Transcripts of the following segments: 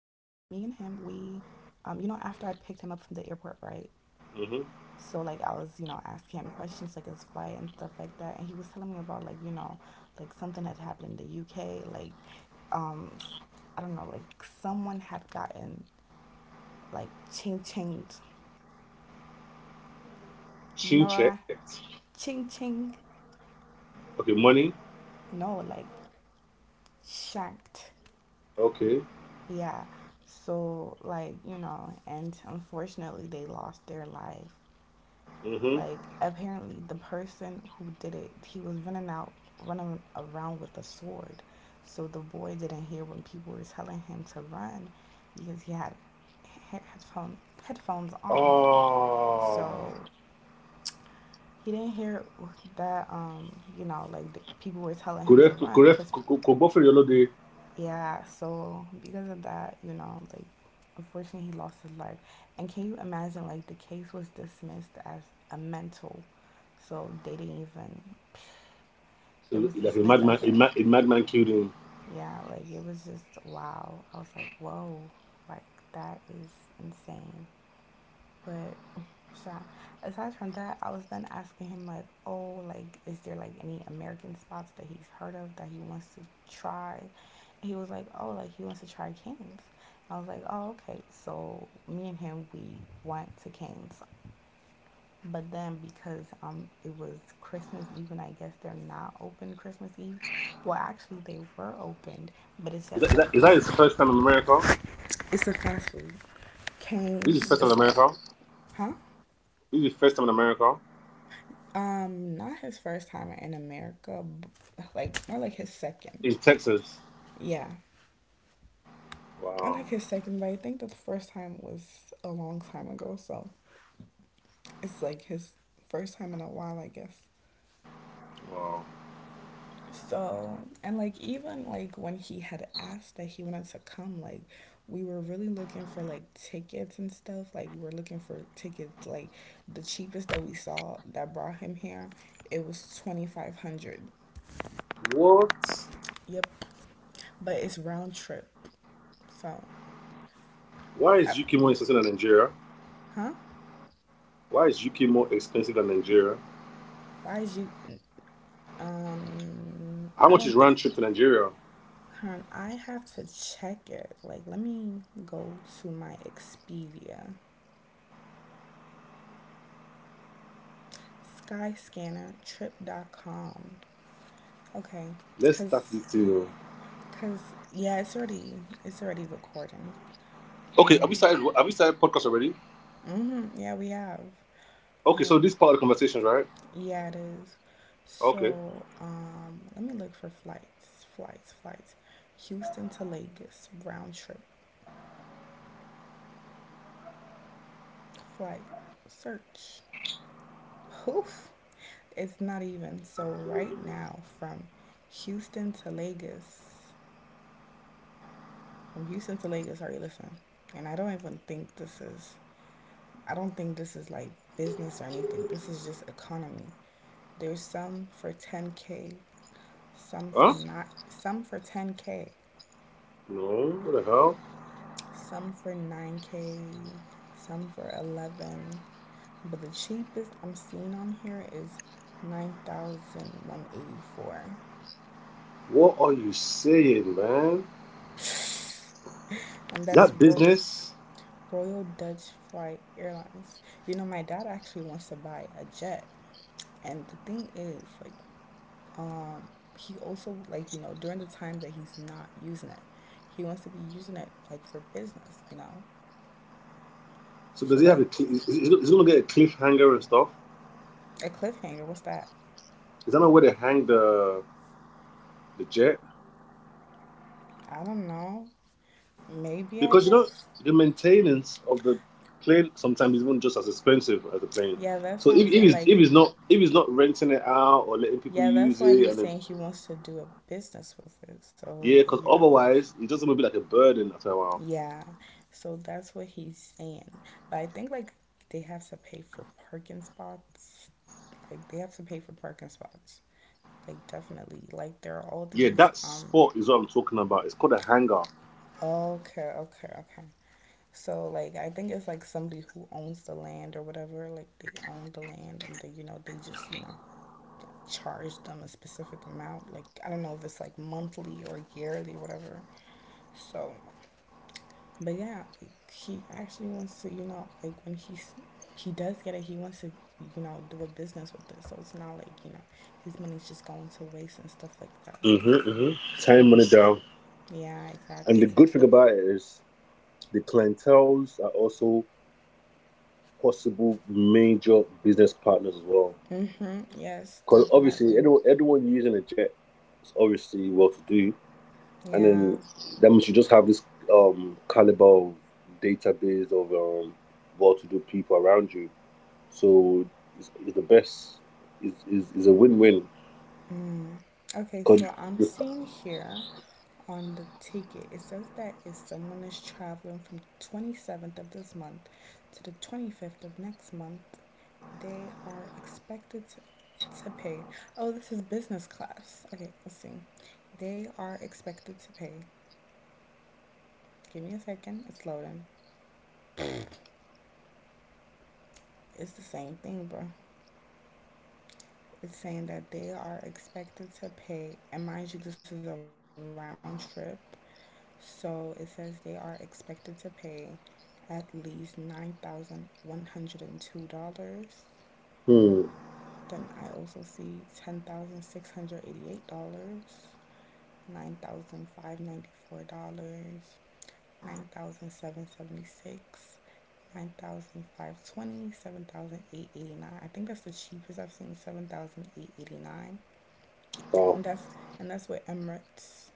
after I picked him up from the airport, right? Mm-hmm. So like I was, asking him questions like his flight and stuff like that, and he was telling me about like like something had happened in the UK, like, um, I don't know, like someone had gotten like ching chinged, you know, Shoe what? checked. Ching ching, Okay, money. no, like shanked. Okay. Yeah. So, like, and unfortunately, they lost their life. Mm-hmm. Like, apparently, the person who did it, he was running around with a sword. So the boy didn't hear when people were telling him to run because he had headphones on. Oh. So he didn't hear that, like the people were telling him to Kuref, run Kuref, because Kobofre Yolode. yeah, so because of that, like unfortunately he lost his life. And can you imagine, like the case was dismissed as a mental. So they didn't even, it So, was like a dismissed madman, as a, a, mad a madman killed him. yeah, like it was just wow. I was like, "Whoa." Like that is insane. But sure. Aside from that, I was then asking him like, oh, like, is there like any American spots that he's heard of that he wants to try? And he was like, oh, like he wants to try Canes. I was like, oh, okay. So me and him, we went to Canes, but then because it was Christmas Eve and I guess they're not open Christmas Eve. Well, actually they were opened, but it's Is at that, is, that, is that like his first time in America? it's a fast food. This is his Canes first time in is, America. huh? This is his first time in America. Not his first time in America, like more like his second. In Texas. Yeah, I Wow. like his second, but I think the first time was a long time ago, so it's like his first time in a while, I guess. Wow. So and like even like when he had asked that he wanted to come, like we were really looking for like tickets and stuff. Like we're looking for tickets, like the cheapest that we saw that brought him here, it was 2,500. What? Yep, but it's round trip, so Why is UK Uh, more expensive than Nigeria? huh? Why is UK more expensive than Nigeria? Why is you? How I much is don't round think. trip to Nigeria? Hon, I have to check it. Like, let me go to my Expedia, Skyscanner, Trip.com. Okay, Let's start cause, this thing. Oh. cause yeah, it's already recording. Okay, have we Um, started? Have we started podcast already? yeah, we have. Okay, so Um, this part of the conversation, right? yeah, it is. Okay. So, let me look for flights, flights, flights. Houston to Lagos round trip flight search. Oof. It's not even. So right now from Houston to Lagos, from Houston to Lagos, are you listening? And I don't even think this is, I don't think this is like business or anything. This is just economy. There's some for 10K, some for Huh? not some for 10K, No, what the hell? some for 9K, some for 11. But the cheapest I'm seeing on here is 9,184. What are you saying, man? And Is that's that business? Royal Dutch Flight Airlines. You know, my dad actually wants to buy a jet, and the thing is, like, he also like during the time that he's not using it, he wants to be using it like for business. You know, So so does it have a? like Cl- Is it gonna get a cliffhanger and stuff? a cliffhanger. What's that? Is that not where they hang the jet? I don't know. Maybe, I Because you know guess. the maintenance of the plane sometimes is even just as expensive as the plane. Yeah, that's So what if I'm if saying. it's, Like, if it's not if it's not renting it out or letting people yeah, that's use why it, he's and then saying he wants to do a business with it. So yeah, that, because you know, like otherwise it doesn't gonna be like a burden after a while. yeah. So that's what he's saying. But I think like they have to pay for parking spots. Like they have to pay for parking spots. Like definitely. Like there are all Yeah, these that spot is what I'm talking about. It's called a hangar. okay, okay, okay. So like I think it's like somebody who owns the land or whatever, like they own the land and they just, charge them a specific amount. Like I don't know if it's like monthly or yearly or whatever. So but yeah, like, he actually wants to, you know, like when he does get it, he wants to, you know, do a business with it. So it's not like, you know, his money's just going to waste and stuff like that. Mm-hmm. Hmm. So Time on it down. yeah, And the exactly. good thing about it is the clientels are also possible major business partners as well. Mhm. Yes, Because obviously, definitely. anyone using a jet is obviously well to do. And Yeah. then that means you just have this caliber of database of well to do people around you. So it's the best, it's a win win. Mm. Okay, Because, so I'm seeing here on the ticket, it says that if someone is traveling from 27th of this month to the 25th of next month, they are expected to pay. Oh, this is business class. Okay, let's see. They are expected to pay. Give me a second. It's loading. It's the same thing, bro. It's saying that they are expected to pay. And mind you, this is a round trip. So it says they are expected to pay at least $9,102. hmm, Then I also see $10,688, $9,594, 9,776, 9,520, I think that's the cheapest I've seen, 7,889. wow. And that's with Emirates.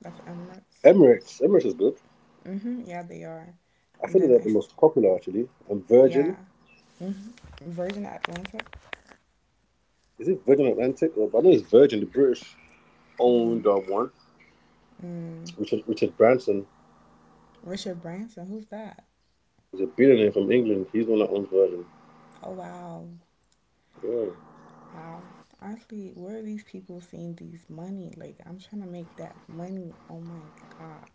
That's Emirates. Emirates is good. Mhm. Yeah, they are. I And think then they're I, the most popular actually, and Virgin. yeah. Mhm. Virgin Atlantic. Is it Virgin Atlantic? Or I know it's Virgin, the British owned Mm. One. Mm. Richard Branson Richard Branson, who's that? is a billionaire from England. He's the one that owns Virgin. Oh, wow. Yeah. Wow. Honestly, where are these people seeing these money? Like I'm trying to make that money. Oh my god.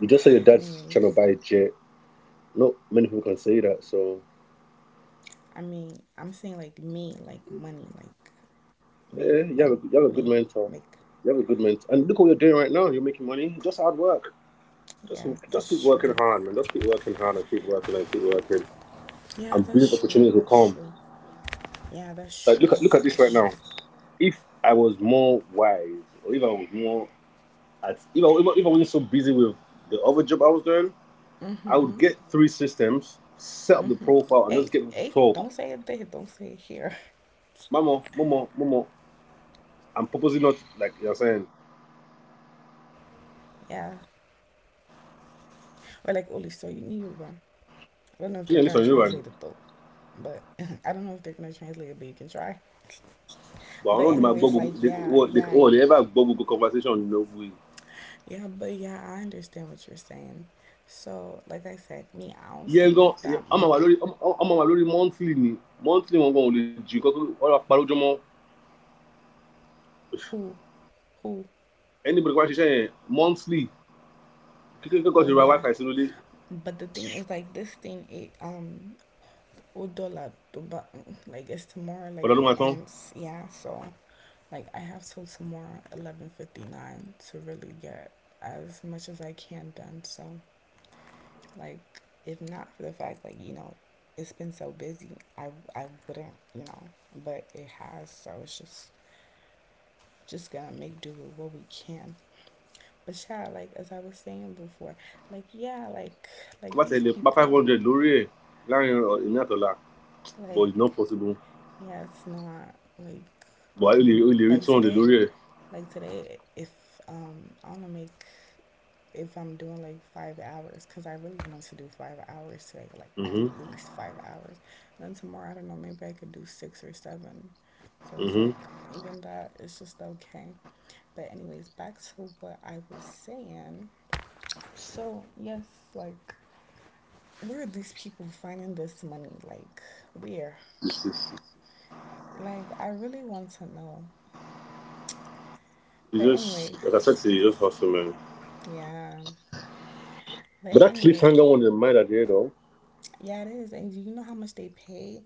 You just say your Anyways, dad's trying to buy a jet. Not many people can say that. So I mean, I'm saying like me, like money, like yeah, make you have money, a, you have a good me mentor. make. You have a good mentor. And look what you're doing right now. You're making money. Just hard work. Just Yeah, just that's keep true. working hard, man. Just keep working hard and keep working and keep working. Yeah, And that's business true. opportunities will That's come. true. Yeah, that's true. Like look at this That's right true. now. If I was more wise, or if I was more, I, if, I, if I if I wasn't so busy with the other job I was doing, I would get three systems, set up the profile, and Hey, just get them to hey, talk. don't say it there. Don't say it here. Mama, mama, mama. I'm purposely not like you're saying. Yeah. Or like Oli, so you need Yoruba. I don't know if they're gonna She ain't translate listen to it you, though. man. But I don't know if they're gonna translate it, but you can try. But I But don't know they might anyways, Google. like They, yeah, oh, they, yeah, oh, they ever have Google conversation. You know, we. yeah, but yeah, I understand what you're saying. So like I said, me, I also Yeah, go. make that I'm a money. lori. I'm a lori monthly ni. Monthly, wọn gan ò lè jù kọ́kọ́ ọ̀rọ̀ àparojọmọ. Who, who, Anybody kó bá ṣiṣẹ́ yẹn monthly. Kíkẹ́ kẹ́kọ̀ọ́ oh ṣe ra yeah, wifi sínú ilé. but the thing is, like this thing, it udola duba, like it's tomorrow, like Ọ̀dọ́ ló it máa tán. ends. Yeah, so like I have till tomorrow, 11:59, to really get as much as I can done. So like, if not for the fact, like you know, it's been so busy, I I wouldn't, you know, but it has. So it's just gonna make do with what we can. But yeah, like as I was saying before, like yeah, like Kó like bá these tẹ̀lé pa five people, hundred lórí ẹ̀ láàrin ìní àtọ̀la. But like it's not possible. yeah, it's not like, But I only like read on the today. lorry. Like today, if um, I want to make, if I'm doing like 5 hours, because I really want to do 5 hours today, like at Mm-hmm. least 5 hours. And then tomorrow, I don't know, maybe I could do six or seven. So it's Mm-hmm. like even that is just okay. But anyways, back to what I was saying. So yes, like where are these people finding this money? Like where? This is Like I really want to know. it's But just like I said anyways, to you, it's just hustle, man. yeah. But But that anyway, cliffhanger one in the mind at the end of yeah, it is. And you know how much they pay?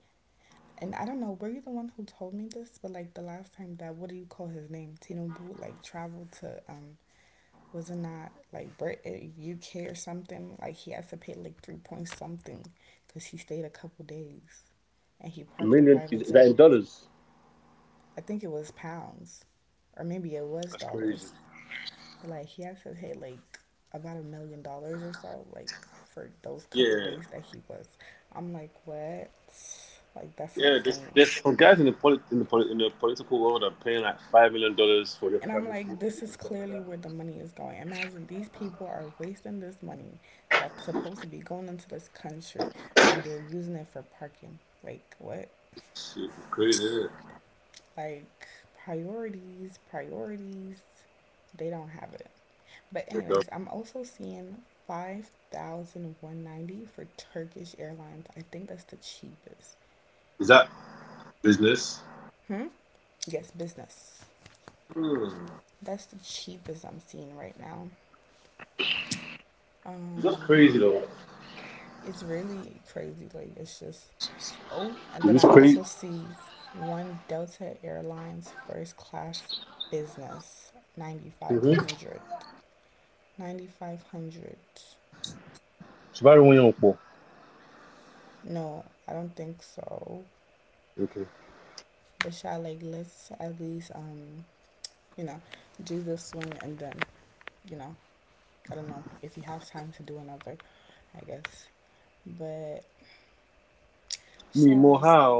And I don't know, were you the one who told me this? But like the last time that, what do you call his name? Tinubu, like traveled to, was it not like Brit, UK or something? Like he has to pay like three point something because he stayed a couple days and he a parked the million is private that in jet. dollars. I think it was pounds, or maybe it That's was crazy. dollars. But like he had to pay like about $1 million or so, like for those couple Yeah. days that he was. I'm like, what? Like that's Yeah, there's, insane. there's some guys in the polit- in the polit- in the political world are paying like $5 million for their And I'm primary like, school this fees is and stuff like clearly that. where the money is going. Imagine these people are wasting this money that's supposed to be going into this country and they're using it for parking. Like what? Shit, it's crazy, isn't Like priorities, priorities. They don't have it. But it? Yeah. anyways, I'm also seeing $5,190 for Turkish Airlines. I think that's the cheapest. Is that business? Hmm. Yes, business. Hmm. That's the cheapest I'm seeing right now. It's just Um, crazy though. it's really crazy. Like it's just, oh, and It then was I crazy. also see one Delta Airlines first class business ninety five Mm-hmm. hundred. Ninety five hundred dollars. Shibari Wonyanpo. No, I don't think so. Okay. But shall, like, let's at least you know, do this one and then, you know, I don't know if you have time to do another, I guess. But Mi ì mọ chalet, how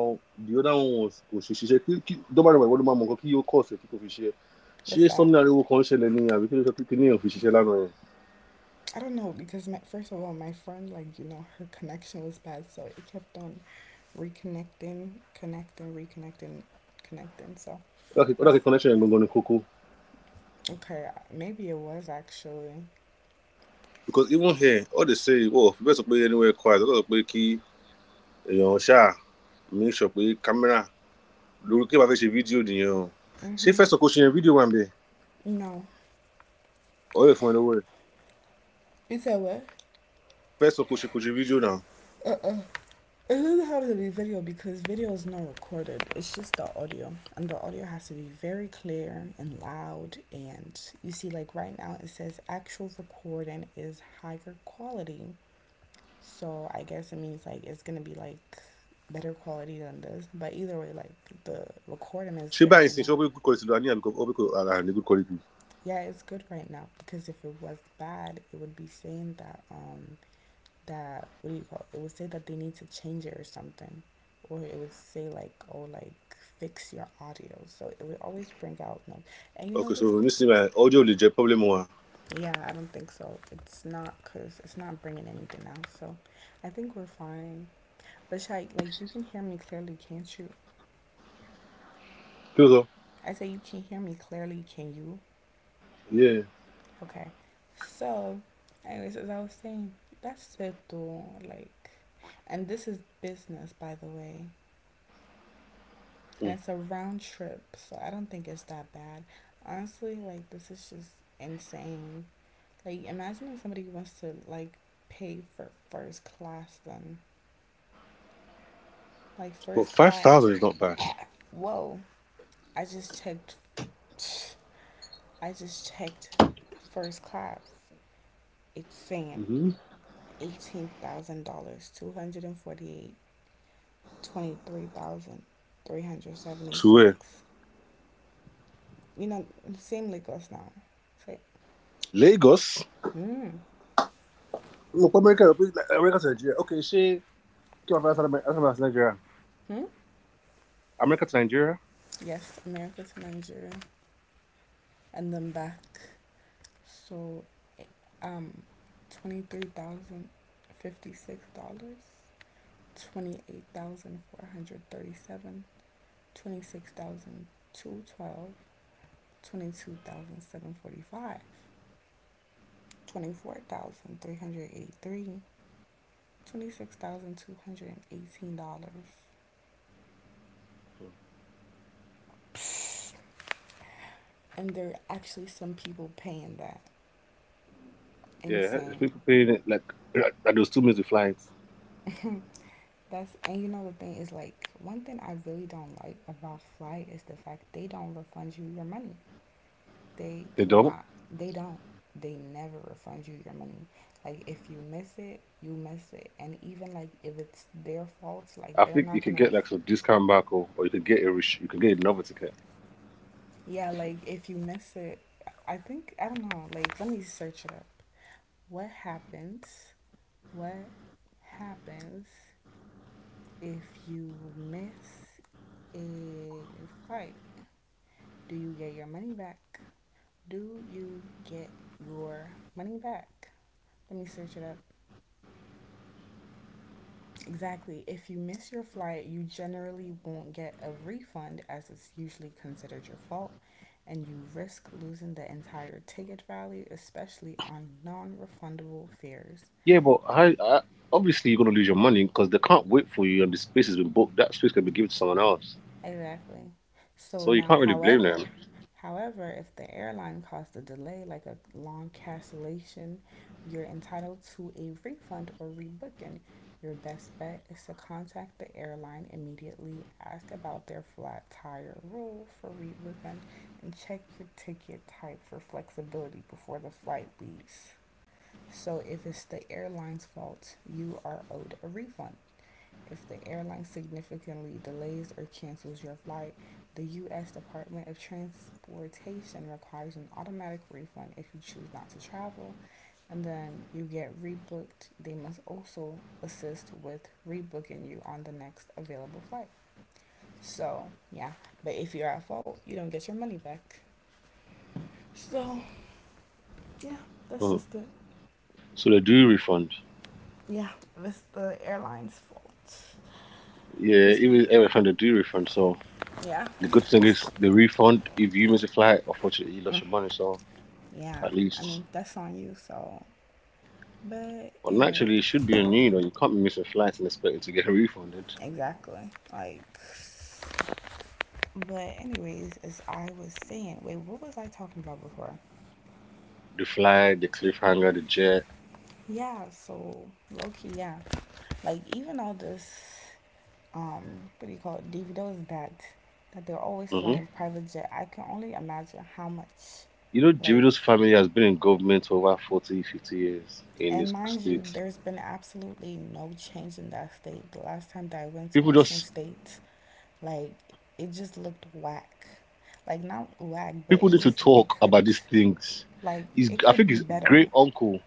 the other one was kò ṣe ṣiṣẹ́ kí kí dọ́bàdàn ìwọ́n ló máa mọ nǹkan kí yóò kọ̀ ọ̀sẹ̀ kí kò fi ṣe ṣé what's that? sọ́nà ariwo kan ń ṣẹlẹ̀ ni àbí kí ló sọ pé kí níyàn fi ṣiṣẹ́ lánàá yẹn I don't know because my, first of all, my friend, like you know, her connection was bad, so it kept on reconnecting, connecting, reconnecting, connecting. So ó that's dàkí connection yẹn gangan ni kókó. okay. Maybe it was, actually. Because even here all they say wọ́n ò fi bẹ́ẹ̀ sọ pé anywhere quiet wọ́n kàn sọ pé kí èèyàn ṣáà make sure pé camera lórí kí wàá fẹ́ ṣe fídíò nìyẹn o ṣé Mm-hmm. fẹ́sọ̀ kò ṣe yẹn fídíò wà ń bẹ̀ No, ọ̀rẹ́ fún ẹ lọ́wọ́ ẹ̀ you said what? fẹ́sọ̀ kò ṣe fídíò náà uh. It doesn't have to be video because video is not recorded. It's just the audio, and the audio has to be very clear and loud. And you see, like right now, it says actual recording is higher quality. So I guess it means like it's gonna be like better quality than this. But either way, like the recording is ṣé good báyìí right sìn ṣé now. ó pé good quality ló wà ní àbí ó pé kò ara ní good quality Yeah, it's good right now because if it was bad, it would be saying that what do you call it? It would say that they need to change it or something, or it would say like oh like fix your audio. So it would always bring out no. And you ok know so this. nísìnyí báyìí audio lè jẹ́ problem wa Yeah, I don't think so. It's not because it's not bringing anything out. So I think we're fine. But Shai, like you can hear me clearly, can't you? kí ló sọ. I say you can hear me clearly, can you? Yeah. Okay. So, anyways, as I was saying, that's it though. Like, and this is business, by the way, and it's Mm. a round trip, so I don't think it's that bad. Honestly, like this is just insane. Like imagine if somebody wants to like pay for first class then. Like But first class. 5,000 is not bad. Whoa, I just checked I just checked first class. It's saying Hmm. $18,000, 248, 23,000, dollars, three hundred seventy To where? six. You know, same like us now. It's like, Lagos? hmm, Look, America, like, America to Nigeria. Okay, she came from outside America, outside Nigeria. hmm, America to Nigeria. yes, America to Nigeria, and then back. So, eh, um, $23,056, 28,437, 26,212, twenty two thousand seven forty five, 24,383. $26,218. And there are actually some people paying that. Yeah, there's Insane. people paying it like, like those 2 minutes of flights. That's And you know the thing is like one thing I really don't like about flight is the fact they don't refund you your money. They They do don't. not. They don't. They never refund you your money. Like if you miss it, you miss it. And even like if it's their fault, like I they're think you not could gonna. get like Ref- some discount back, or you could get another ticket. yeah, like if you miss it, I think I don't know. Like let me search it up. What happens? What happens if you miss a flight? Do you get your money back? Do you get your money back? Let me search it up. Exactly. If you miss your flight, you generally won't get a refund as it's usually considered your fault, and you risk losing the entire ticket value, especially on non refundable fares. Yeah, but obviously you're gonna lose your money because they can't wait for you, and the space has been booked. That space can be given to someone else, Exactly. So so you now, can't really blame them. however, if the airline caused a delay, like a long cancellation, you're entitled to a refund or rebooking. Your best bet is to contact the airline immediately, ask about their flat tire rule for rebooking, and check your ticket type for flexibility before the flight leaves. So if it's the airline's fault, you are owed a refund. If the airline significantly delays or cancels your flight, the U.S. Department of Transportation requires an automatic refund if you choose not to travel, and then you get rebooked. They must also assist with rebooking you on the next available flight. So, yeah, but if you're at fault, you don't get your money back. So, yeah, that's Mm. just it. So they do refund. Yeah, that's the airline's fault. Yeah, Just, it. even every they do refund. So Yeah. the good thing is the refund. If you miss a flight, unfortunately, you Mm. lost your money. So Yeah, at I mean, least, that's on you, so but well, anyway, naturally, it should be on you. You know, you can't be missing flights and expecting to get refunded. exactly. Like, but anyways, as I was saying, wait, what was I talking about before? The flight, the cliffhanger, the jet. Yeah, so low key, yeah. Like even all this, um, what do you call it? DVDs that that they're always Hmm. flying private jet. I can only imagine how much, You know, like, Girito's family has been in government for over 40, 50 years in and this mind you, state. there's been absolutely no change in that state. The last time that I went to People Ocean just State, like, it just looked whack. Like not whack, but people it need to just it talk could about these things. like it I could think be his better, great uncle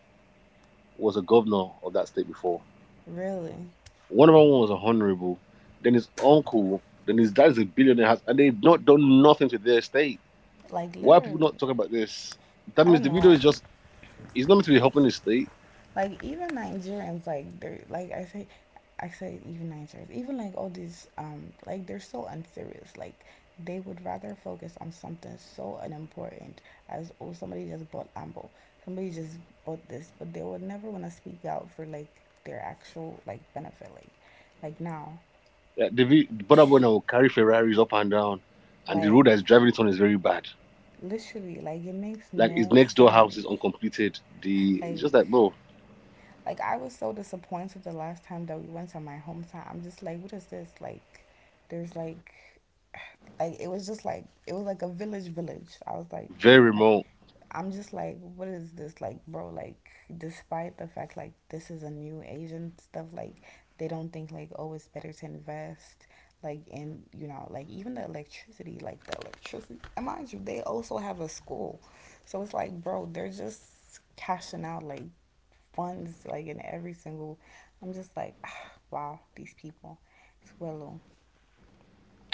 was a governor of that state before. really. One of them was a honorable, then his uncle, then his dad is a billionaire, has, and they've not done nothing to their estate. Like Why are people not literally, talking about this? That I means don't the video know. is just, it's not meant to be helping the state. Like even Nigerians, like they're like I say even Nigerians, even like all these like they're so unserious. Like they would rather focus on something so unimportant as oh somebody just bought ambo, somebody just bought this, but they would never want to speak out for like their actual like benefit. Like now, Like, the brother boy psh, now will carry Ferraris up and down, and the road like that he's driving it on is very bad. literally, like it makes Like, his no next door house is sense. uncompleted. The It's Like just like, bro, I was so disappointed the last time that we went to my hometown. I'm just like, what is this? Like, there's like it was just like it was like a village village. I was like, very I'm, remote. I'm just like, what is this like, bro? Like, despite the fact like this is a new Asian stuff, like they don't think like oh it's better to invest like in you know like even the electricity and mind you they also have a school, so it's like bro they're just cashing out like funds like in every single I'm just like ah, wow these people it's willow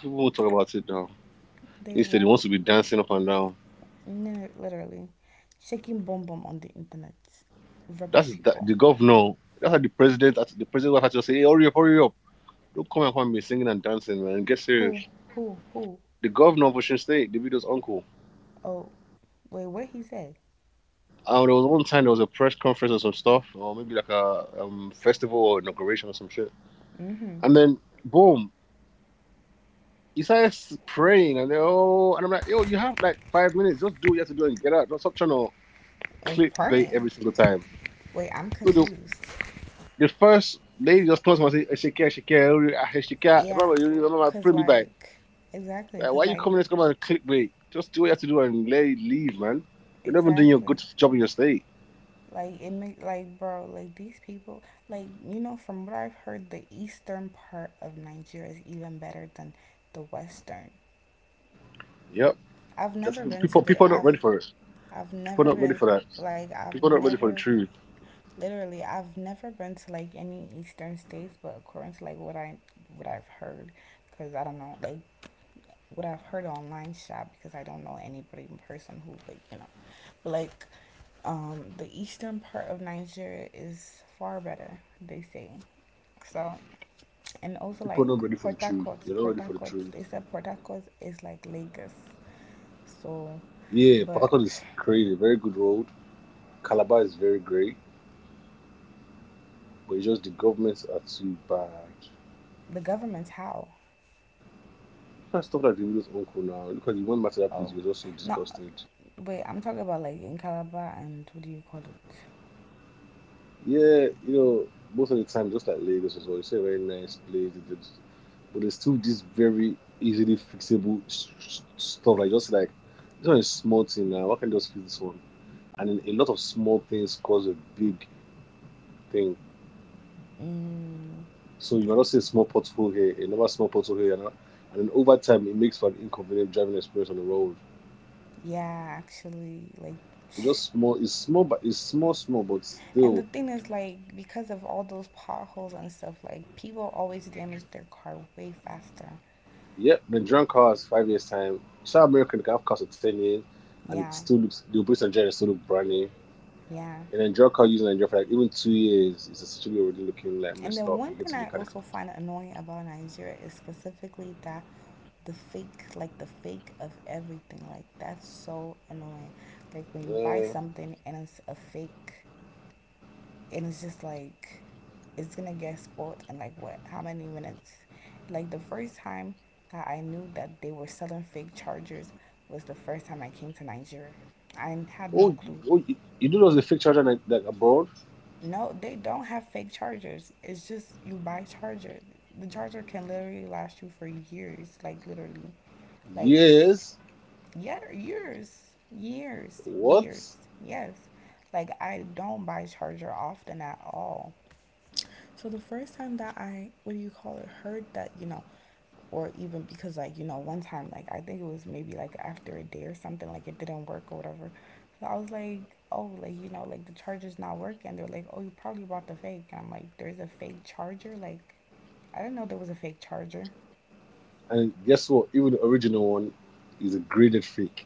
People won't talk about it now. they Instead, he won't. wants to be dancing up and down. No, literally. Shaking bum bum on the internet. Rubbish That's that, people. the governor. That's how the president will have to say, hey, hurry up, hurry up. Don't come and find me singing and dancing, man. Get serious. Who, who, who? The governor of Ocean State, Davido's uncle. Oh, wait, what he said? There was one time there was a press conference or some stuff, or maybe like a festival or inauguration or some shit. Mm hmm. And then, boom, he started praying, and then, oh, and I'm like, yo, you have like 5 minutes. Just do what you have to do and get out. Don't stop trying to Of clickbait praying. every single time. Wait, I'm So the, confused. the first lady just comes and says, Shakira, Shakira, Shakira, Yeah, remember, you remember, cause bring me back. like, exactly, Why cause are you like, coming in to come and clickbait? Just do what you have to do and let it leave, man. You're not even doing your exactly. good job in your state. Like it make like bro like these people like you know from what I've heard the eastern part of Nigeria is even better than the western. Yep. I've That's never been to people. the People are not ready for it. I've People never are not ready been for that. like I've People are not ready for the never truth. literally I've never been to like any eastern states, but according to like what I what I've heard, because I don't know like what I've heard online shop because I don't know anybody in person who like you know like the eastern part of Nigeria is far better they say, so and also People are like not ready for the Port truth. Harcourt They're not Port ready for the Harcourt truth. they said Port Harcourt is like Lagos, so Yeah, Port but Harcourt is crazy. Very good road. Calabar is very great, but it's just the governments are too bad. the government's how Look at stuff like the widow's uncle now. Look at he went back to that place. oh He was also not disgusted. wait I'm talking about like in Calabar and what do you call it. Yeah, you know, most of the time, just like Lagos as well. It's a very nice place. It's but there's still this very easily fixable stuff. Like just like this one is small thing now. Why can just fix this one? And then a lot of small things cause a big thing. Mm, So you might not see a small pothole here, another small pothole here, and then over time it makes for an inconvenient driving experience on the road. yeah, actually, like, It's just small. It's small, but it's small, small, but and the still. thing is, like, because of all those potholes and stuff, like, people always damage their car way faster. Yep, the Nigerian cars 5 years time. South American can have cars for 10 years, and it Yeah, still looks the operation engine still look brand new. yeah. And then drug car using Nigeria for like even 2 years it's essentially already looking like And messed then up. one You go thing to I mechanical. also find annoying about Nigeria is specifically that the fake, like, the fake of everything, like, that's so annoying. Like, when Uh, you buy oh, something and it's a fake, and it's just like it's gonna get spoiled in like what how many minutes, like the first time that I knew that they were selling fake chargers was the first time I came to Nigeria. I had no oh, clue. you do those the fake charger like abroad? No, they don't have fake chargers, it's just you buy charger, the charger can literally last you for years, like literally, like Yes. yeah, years, years, What? years, yes, like I don't buy charger often at all. So the first time that I, what do you call it, heard that, you know, or even because like, you know, one time, like I think it was maybe like after a day or something, like it didn't work or whatever. So I was like, oh, like, you know, like the charger's not working. They're like, oh, you probably bought the fake. And I'm like, there's a fake charger? Like, I didn't know there was a fake charger. And guess what? Even the original one is a graded fake.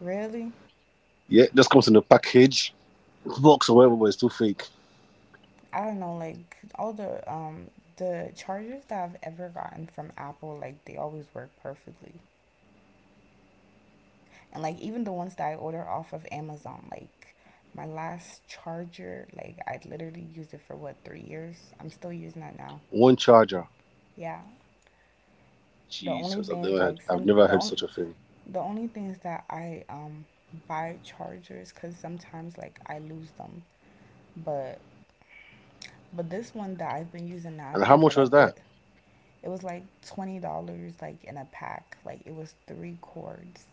Really? Yeah, it just comes in a package, box or whatever, but it's still fake. I don't know, like all the chargers that I've ever gotten from Apple, like they always work perfectly. And like even the ones that I order off of Amazon, like my last charger, like I literally used it for what 3 years. I'm still using that now. One charger. Yeah. The only Jesus, I've things never had, like I've some never heard such a thing. the only things that I buy chargers because sometimes like I lose them, but this one that I've been using now, I've And had how it for much was like that? what, it was like $20 like in a pack. Like it was three cords.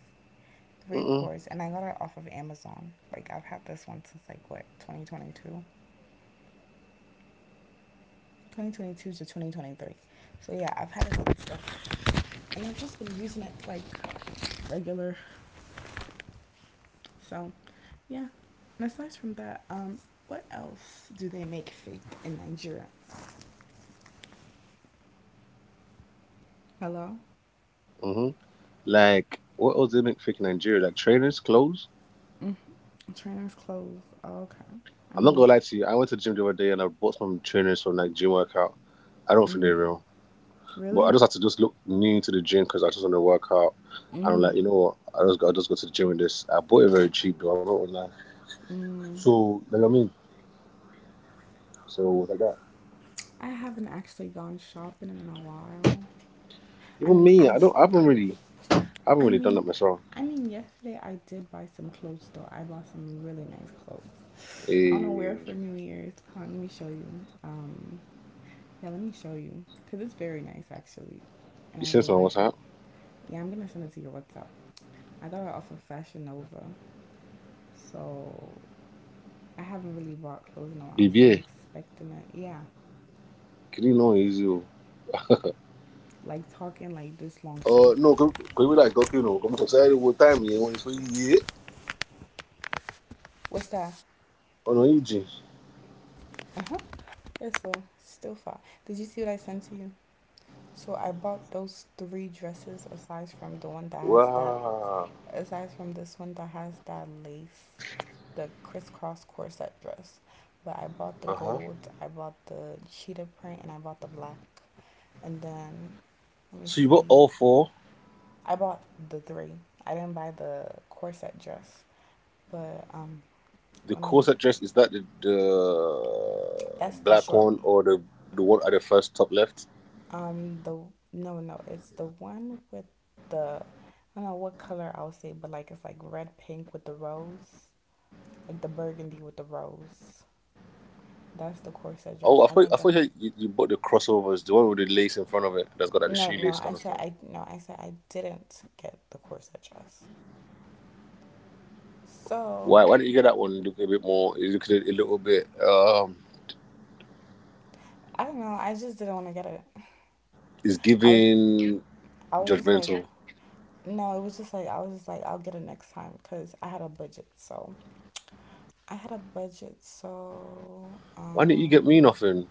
Three Mm-mm, cords and I got it off of Amazon. Like I've had this one since like what, 2022. 2022 to 2023. So yeah, I've had a lot of stuff, and I've just been using it like regular. So yeah. And aside from that, what else do they make fake in Nigeria? Hello, mm-hmm. Like, what else they make fake in Nigeria? Like trainers, clothes? mm, trainers, clothes. Oh, okay. I I'm not mean, gonna lie to you. I went to the gym the other day and I bought some trainers from like gym workout. I don't think they're mm, real, but I really? just had to just look new to the gym because I just want to work out. And I'm like, you Mm-hmm. know what? I just go to the gym with this. I bought it very cheap though. I'm not online. Mm. So so what I got? I haven't actually gone shopping in a while. I Even mean, me, I I j- don't. I haven't I really done mean, that myself. I mean, yesterday I did buy some clothes though. I bought some really nice clothes. I on a wear it Hey, for New Year's. Hold on, let me show you. Yeah, let me show you because it's very nice actually, and you I send really someone what's like it. up? Yeah, I'm gonna send it to your WhatsApp. I got it off of Fashion Nova, so I haven't really bought clothes in a while, so I'm BBA, expecting it. Yeah, can you know easy? Oh? like talking like this long shit. No, because we like okay, no, come to tell what time you want to see it What's that? on. Uh huh. Yeah, so still far. Did you see what I sent to you? So I bought those three dresses aside from the one that has that, Wow. aside from this one that has that lace, the crisscross corset dress. But I bought the Uh huh. gold, I bought the cheetah print, and I bought the black. And then, let me So you bought see. all four? I bought the three. I didn't buy the corset dress. But The let me. corset dress, is that the That's the black short one one. or the one at the first top left? The no, no, it's the one with the I don't know what color I'll say, but like it's like red pink with the rose, like the burgundy with the rose. That's the corset Oh, dress. I I didn't get thought you, you bought the crossovers, the one with the lace in front of it that's got like the no, no, shoelace I kind of said stuff. I no, I said I didn't get the corset dress. Why So why didn't you get that one? Look a bit more. It looked a little bit. I don't know. I just didn't want to get it. It's I was giving I was just like judgmental. no. It was just like I'll get it next time because I had a budget. So I had a budget. So Why didn't you get um me nothing?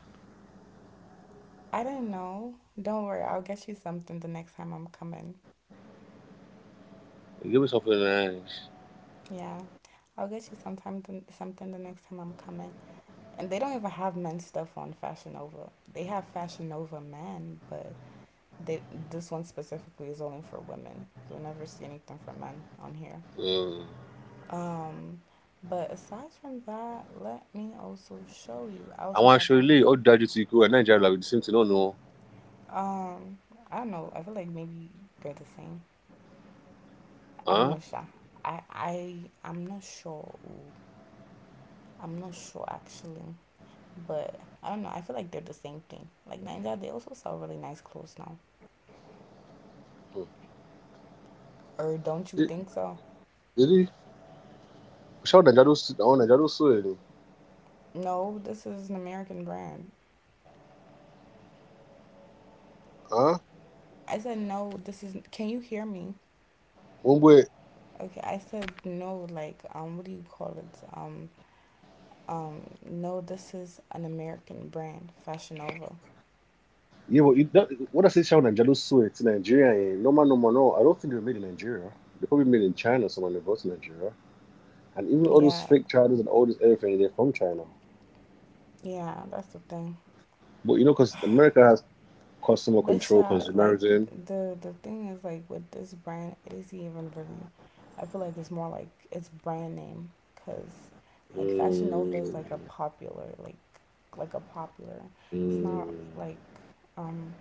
I didn't know. Don't worry. I'll get you something the next time I'm coming. You give me something nice. Yeah, I'll get you something the next time I'm coming. And they don't even have men's stuff on Fashion Nova. They have Fashion Nova men, but they this one specifically is only for women. You'll never see anything for men on here. Mm. Um, but aside from that, let me also show you. I I also want to got show you. Oh, daddy, to you and Nigeria like the same thing. No, no. um I don't know. I feel like maybe they're the same. I don't know, Huh? Sha. I I'm not sure. Ooh, I'm not sure actually, but I don't know. I feel like they're the same thing. Like Ninja, they also sell really nice clothes now. Hmm. Or don't you Did think so? did he? Show Nigeria. Oh, Nigeria. So. No, this is an American brand. Huh? I said no. This is. Can you hear me? Womwe. Okay, I said no, like, what do you call it? Um, no, this is an American brand, Fashion Nova. Yeah, but you, that, what I say, Sean and Jalusu, it's Nigeria. Eh? No man, no man, no. I don't think they were made in Nigeria. They probably made in China, someone they brought to Nigeria. And even all those Yeah, fake Chinese and all this everything, they're from China. yeah, that's the thing. But you know, because America has customer But control, sha, like consumerism. the thing is like with this brand, it isn't even really. I feel like it's more like it's brand name, cause like Fashion Nova is like a Mm, popular, like a popular. It's not mm. like um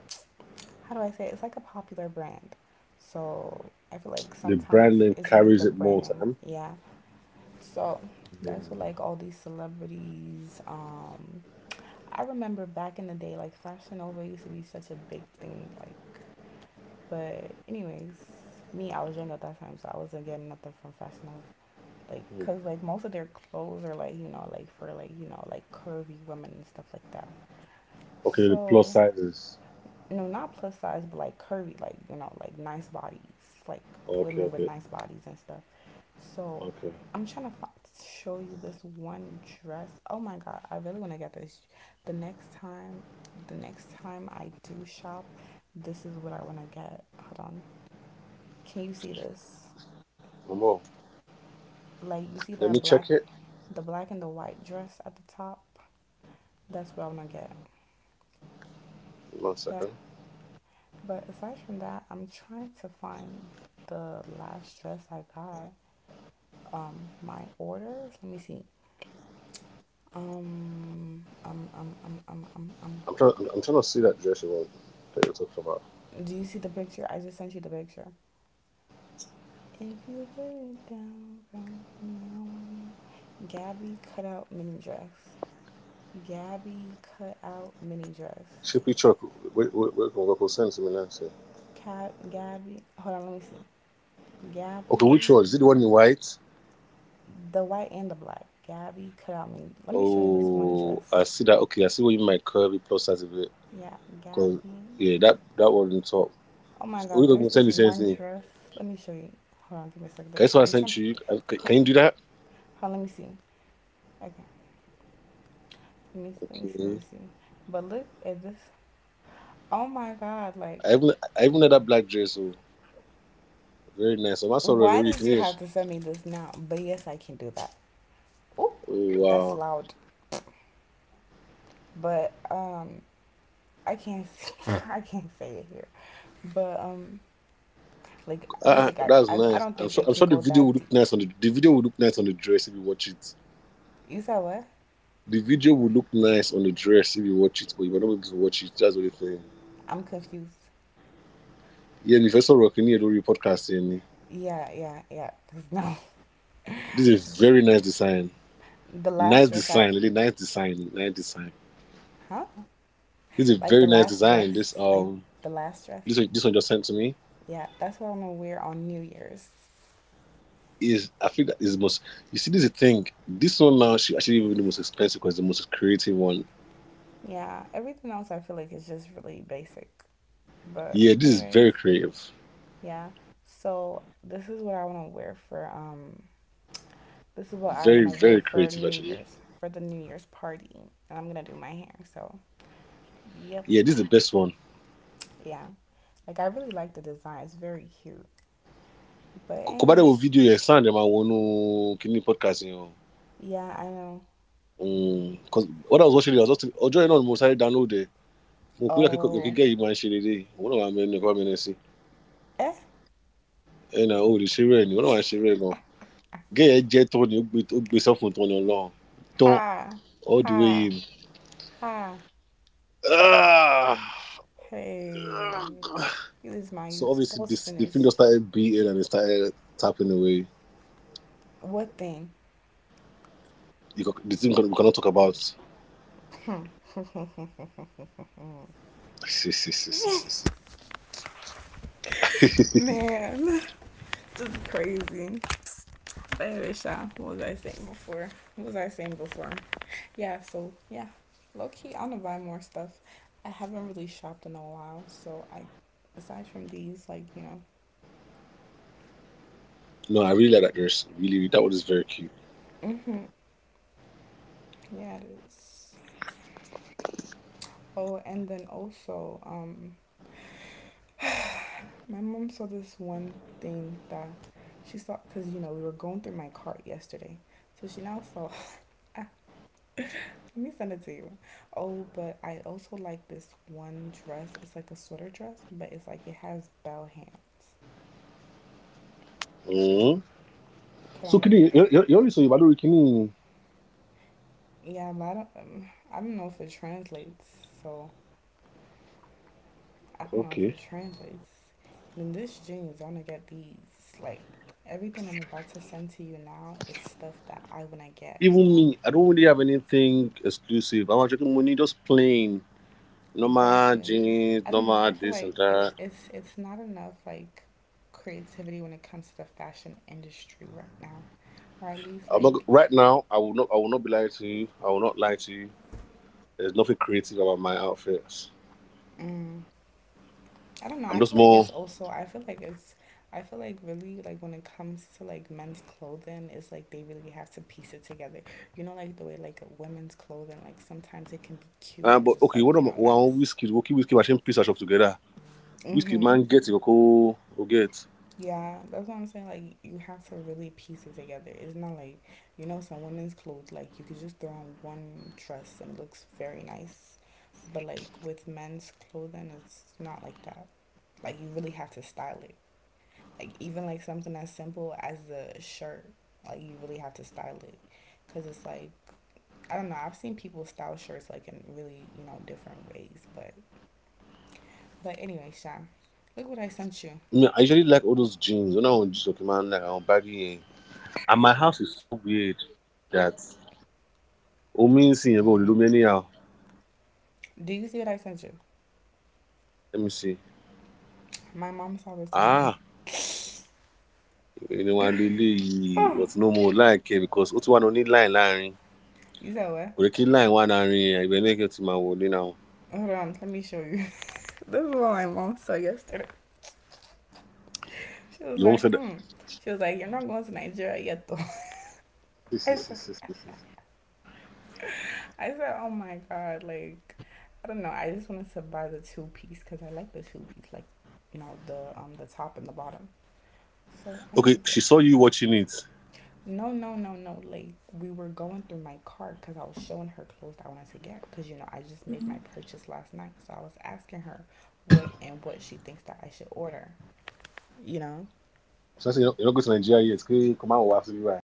how do I say it? It's like a popular brand. So I feel like The sometimes brand name it's really carries the it more brand name. time. Yeah. So that's what Mm, like all these celebrities. I remember back in the day, like Fashion Nova used to be such a big thing. Like, but anyways, me I was young at that time, so I wasn't getting nothing from Fashion Nova. Like, mm. cause like most of their clothes are like like for like like curvy women and stuff like that. Okay, the plus So sizes. no, not plus size, but like curvy, like like nice bodies, like Okay, women with okay, nice bodies and stuff. So okay. I'm trying to find, show you this one dress. Oh my god, I really want to get this. The next time, the next time I do shop, this is what I want to get. Hold on, can you see this? One more. Like you Let see me that check it. black, the black and the white dress at the top. That's what I want to get. One second. That. But aside from that, I'm trying to find the last dress I got my orders. Let me see. Um, um, um, um, um, um, um. I'm trying. I'm, trying to see that dress you want. That you're talking about. Do you see the picture? I just sent you the picture. If you put it down, friend, I want it. Gabby cut out mini dress. Gabby cut out mini dress. Shippy truck. Where can we go? Send it to me now, sir. Cat Gabby. Hold on, let me see. Okay, which Gabby, one? Is it the one in white? the white and the black. Gabby cut out mini. Let me show you this one Oh, dress. I see that. Okay, I see what you meant. Curvy plus size a bit. Yeah, Cause Gabby. yeah, that that one on top. Oh my We're God, there's gonna send this the same one thing. dress. Let me show you. Hold on, give me a second. Guess what I I'm trying sent to you? Can, hold can you do that? on, let me see. Okay, let me see, let Okay. me see. But look at this. Oh my God! Like, I even I even had that black dress. Oh, very nice. I'm also why already did can you hear. have to send me this now? But yes, I can do that. Oh, Oh that's wow, loud. But I can't. I can't say it here. But like, that's I nice. don't think it I'm can sure the go video that would look deep. nice on the video would look nice on the dress if you watch it. You said what? The video will look nice on the dress if you watch it, but you might not be able to watch it. That's the only thing. I'm confused. Yeah, and if I saw Rockin' here, do not podcast in. Yeah, yeah, yeah. 'Cause no, This is a very nice design. the last Nice dress I, design, really nice design, nice design. huh? This is a Like the very nice last design. This dress, like the last dress. This one just sent to me Yeah, that's what I'm gonna wear on New Year's. is I think that is the most. You see, this is the thing. This one now should actually even be the most expensive because it's the most creative one. Yeah, everything else I feel like is just really basic. But Yeah, this is anyways, very creative, yeah. So this is what I very wanna wear very for creative New actually. Year's, for the New Year's party. And I'm gonna do my hair, so yep. Yeah, this is the best one. Yeah. Like I really like the design, it's very cute. But Kò kò wo anyways, video ya sound ẹ̀ máa kíní podcast yẹn o yeah, I know. because when I was watching it, I was just ọjọ́ yẹn náà ni mo sáré download ẹ̀ mo kúrò kíkọ́ Oh, kíkẹ́ yìí máa ń ṣe dédé yìí. Òun náà máa mẹ́nu ẹ̀kọ́ mẹ́nu sí eh, ẹ̀nà ò lè ṣe rẹ̀ ni òun náà máa ń ṣe rẹ̀ gan gẹ́ yẹn jẹ́ tán ni ó gbé sọ́fún tán ni ọlọ́run tán ha, all the ha, way in. ha, Ah! hey, you lose my So use. obviously Balls this, the film finish. just started beating and it started tapping away. What thing? You can, the thing we cannot talk about. Man, just crazy. But anyway, Sha, what was I saying before? What was I saying before? Yeah, so yeah. Low key, I'm gonna buy more stuff. I haven't really shopped in a while, so I aside from these, like, you know, No, I really like that dress, really that one is very cute. yeah it is. Oh, and then also, my mom saw this one thing that she saw because you know we were going through my cart yesterday. So she now saw I let me send it to you. Oh, but I also like this one dress. It's like a sweater dress, but it's like it has bell hand. Mm. Hold So on, let kini me. yọrí sọ yorùbá lórí kini Yeah, but I don't. I don't know if it translates. So I don't know if okay. it translates. Then this jeans, I'm gonna get these. Like everything I'm about to send to you now, it's stuff that I wanna get. You Even know. me, I don't really have anything exclusive. I'm actually money just plain normal Exactly. jeans, I don't know. normal I feel this and like it's that. it's it's not enough like creativity when it comes to the fashion industry right now, or at least I'm not like. right now. I will not. I will not be lying to you. I will not lie to you. There's nothing creative about my outfits. Mm, I don't know. I'm I just feel like more. it's also. I feel like it's. I feel like really like when it comes to like men's clothing, it's like they really have to piece it together. You know, like the way like women's clothing, like sometimes it can be cute and But just okay, like one of you my know one nice. whiskey, okay, whiskey machine piece I shop together. Whiskey Mm-hmm. man get it, okay, go get. Yeah, that's what I'm saying. Like you have to really piece it together. It's not like you know some women's clothes like you could just throw on one dress and it looks very nice, but like with men's clothing, it's not like that. Like you really have to style it. Like even like something as simple as a shirt, like you really have to style it, cause it's like I don't know. I've seen people style shirts like in really you know different ways, but anyway, Sean, look what I sent you. Me, I usually like all those jeans. When I want jeans, okay, man, like I'm baggy. Eh. And my house is so weird that oh, me see you go, you do me anyhow. Do you see what I sent you? Let me see. My mom saw this on my. Ah. Ẹni wá lo eléyìí, Oh, but no mo like ẹ because ó ti wá lọ ní line láàrin. you said what? Kò yẹ kí line wà láàrin ẹ̀, ibẹ̀ náà kí ó ti máa wọlé now. Hold on, let me show you. This is what my mom saw yesterday. She was You won't like, say that. hmm. She was like, you're not going to Nigeria yet, though. I said, I said, oh my god, like I don't know. I just wanted to buy the two-piece because I like the two-piece, like you know the top and the bottom. So I wanted Okay, to get. she saw you watching it. She No, no, no, no. Like we were going through my cart because I was showing her clothes that I wanted to get because you know I just made my purchase last night, so I was asking her what and what she thinks that I should order. You know, said, you're not going to Nigeria yet. Kí kò máa wá síbí báyìí.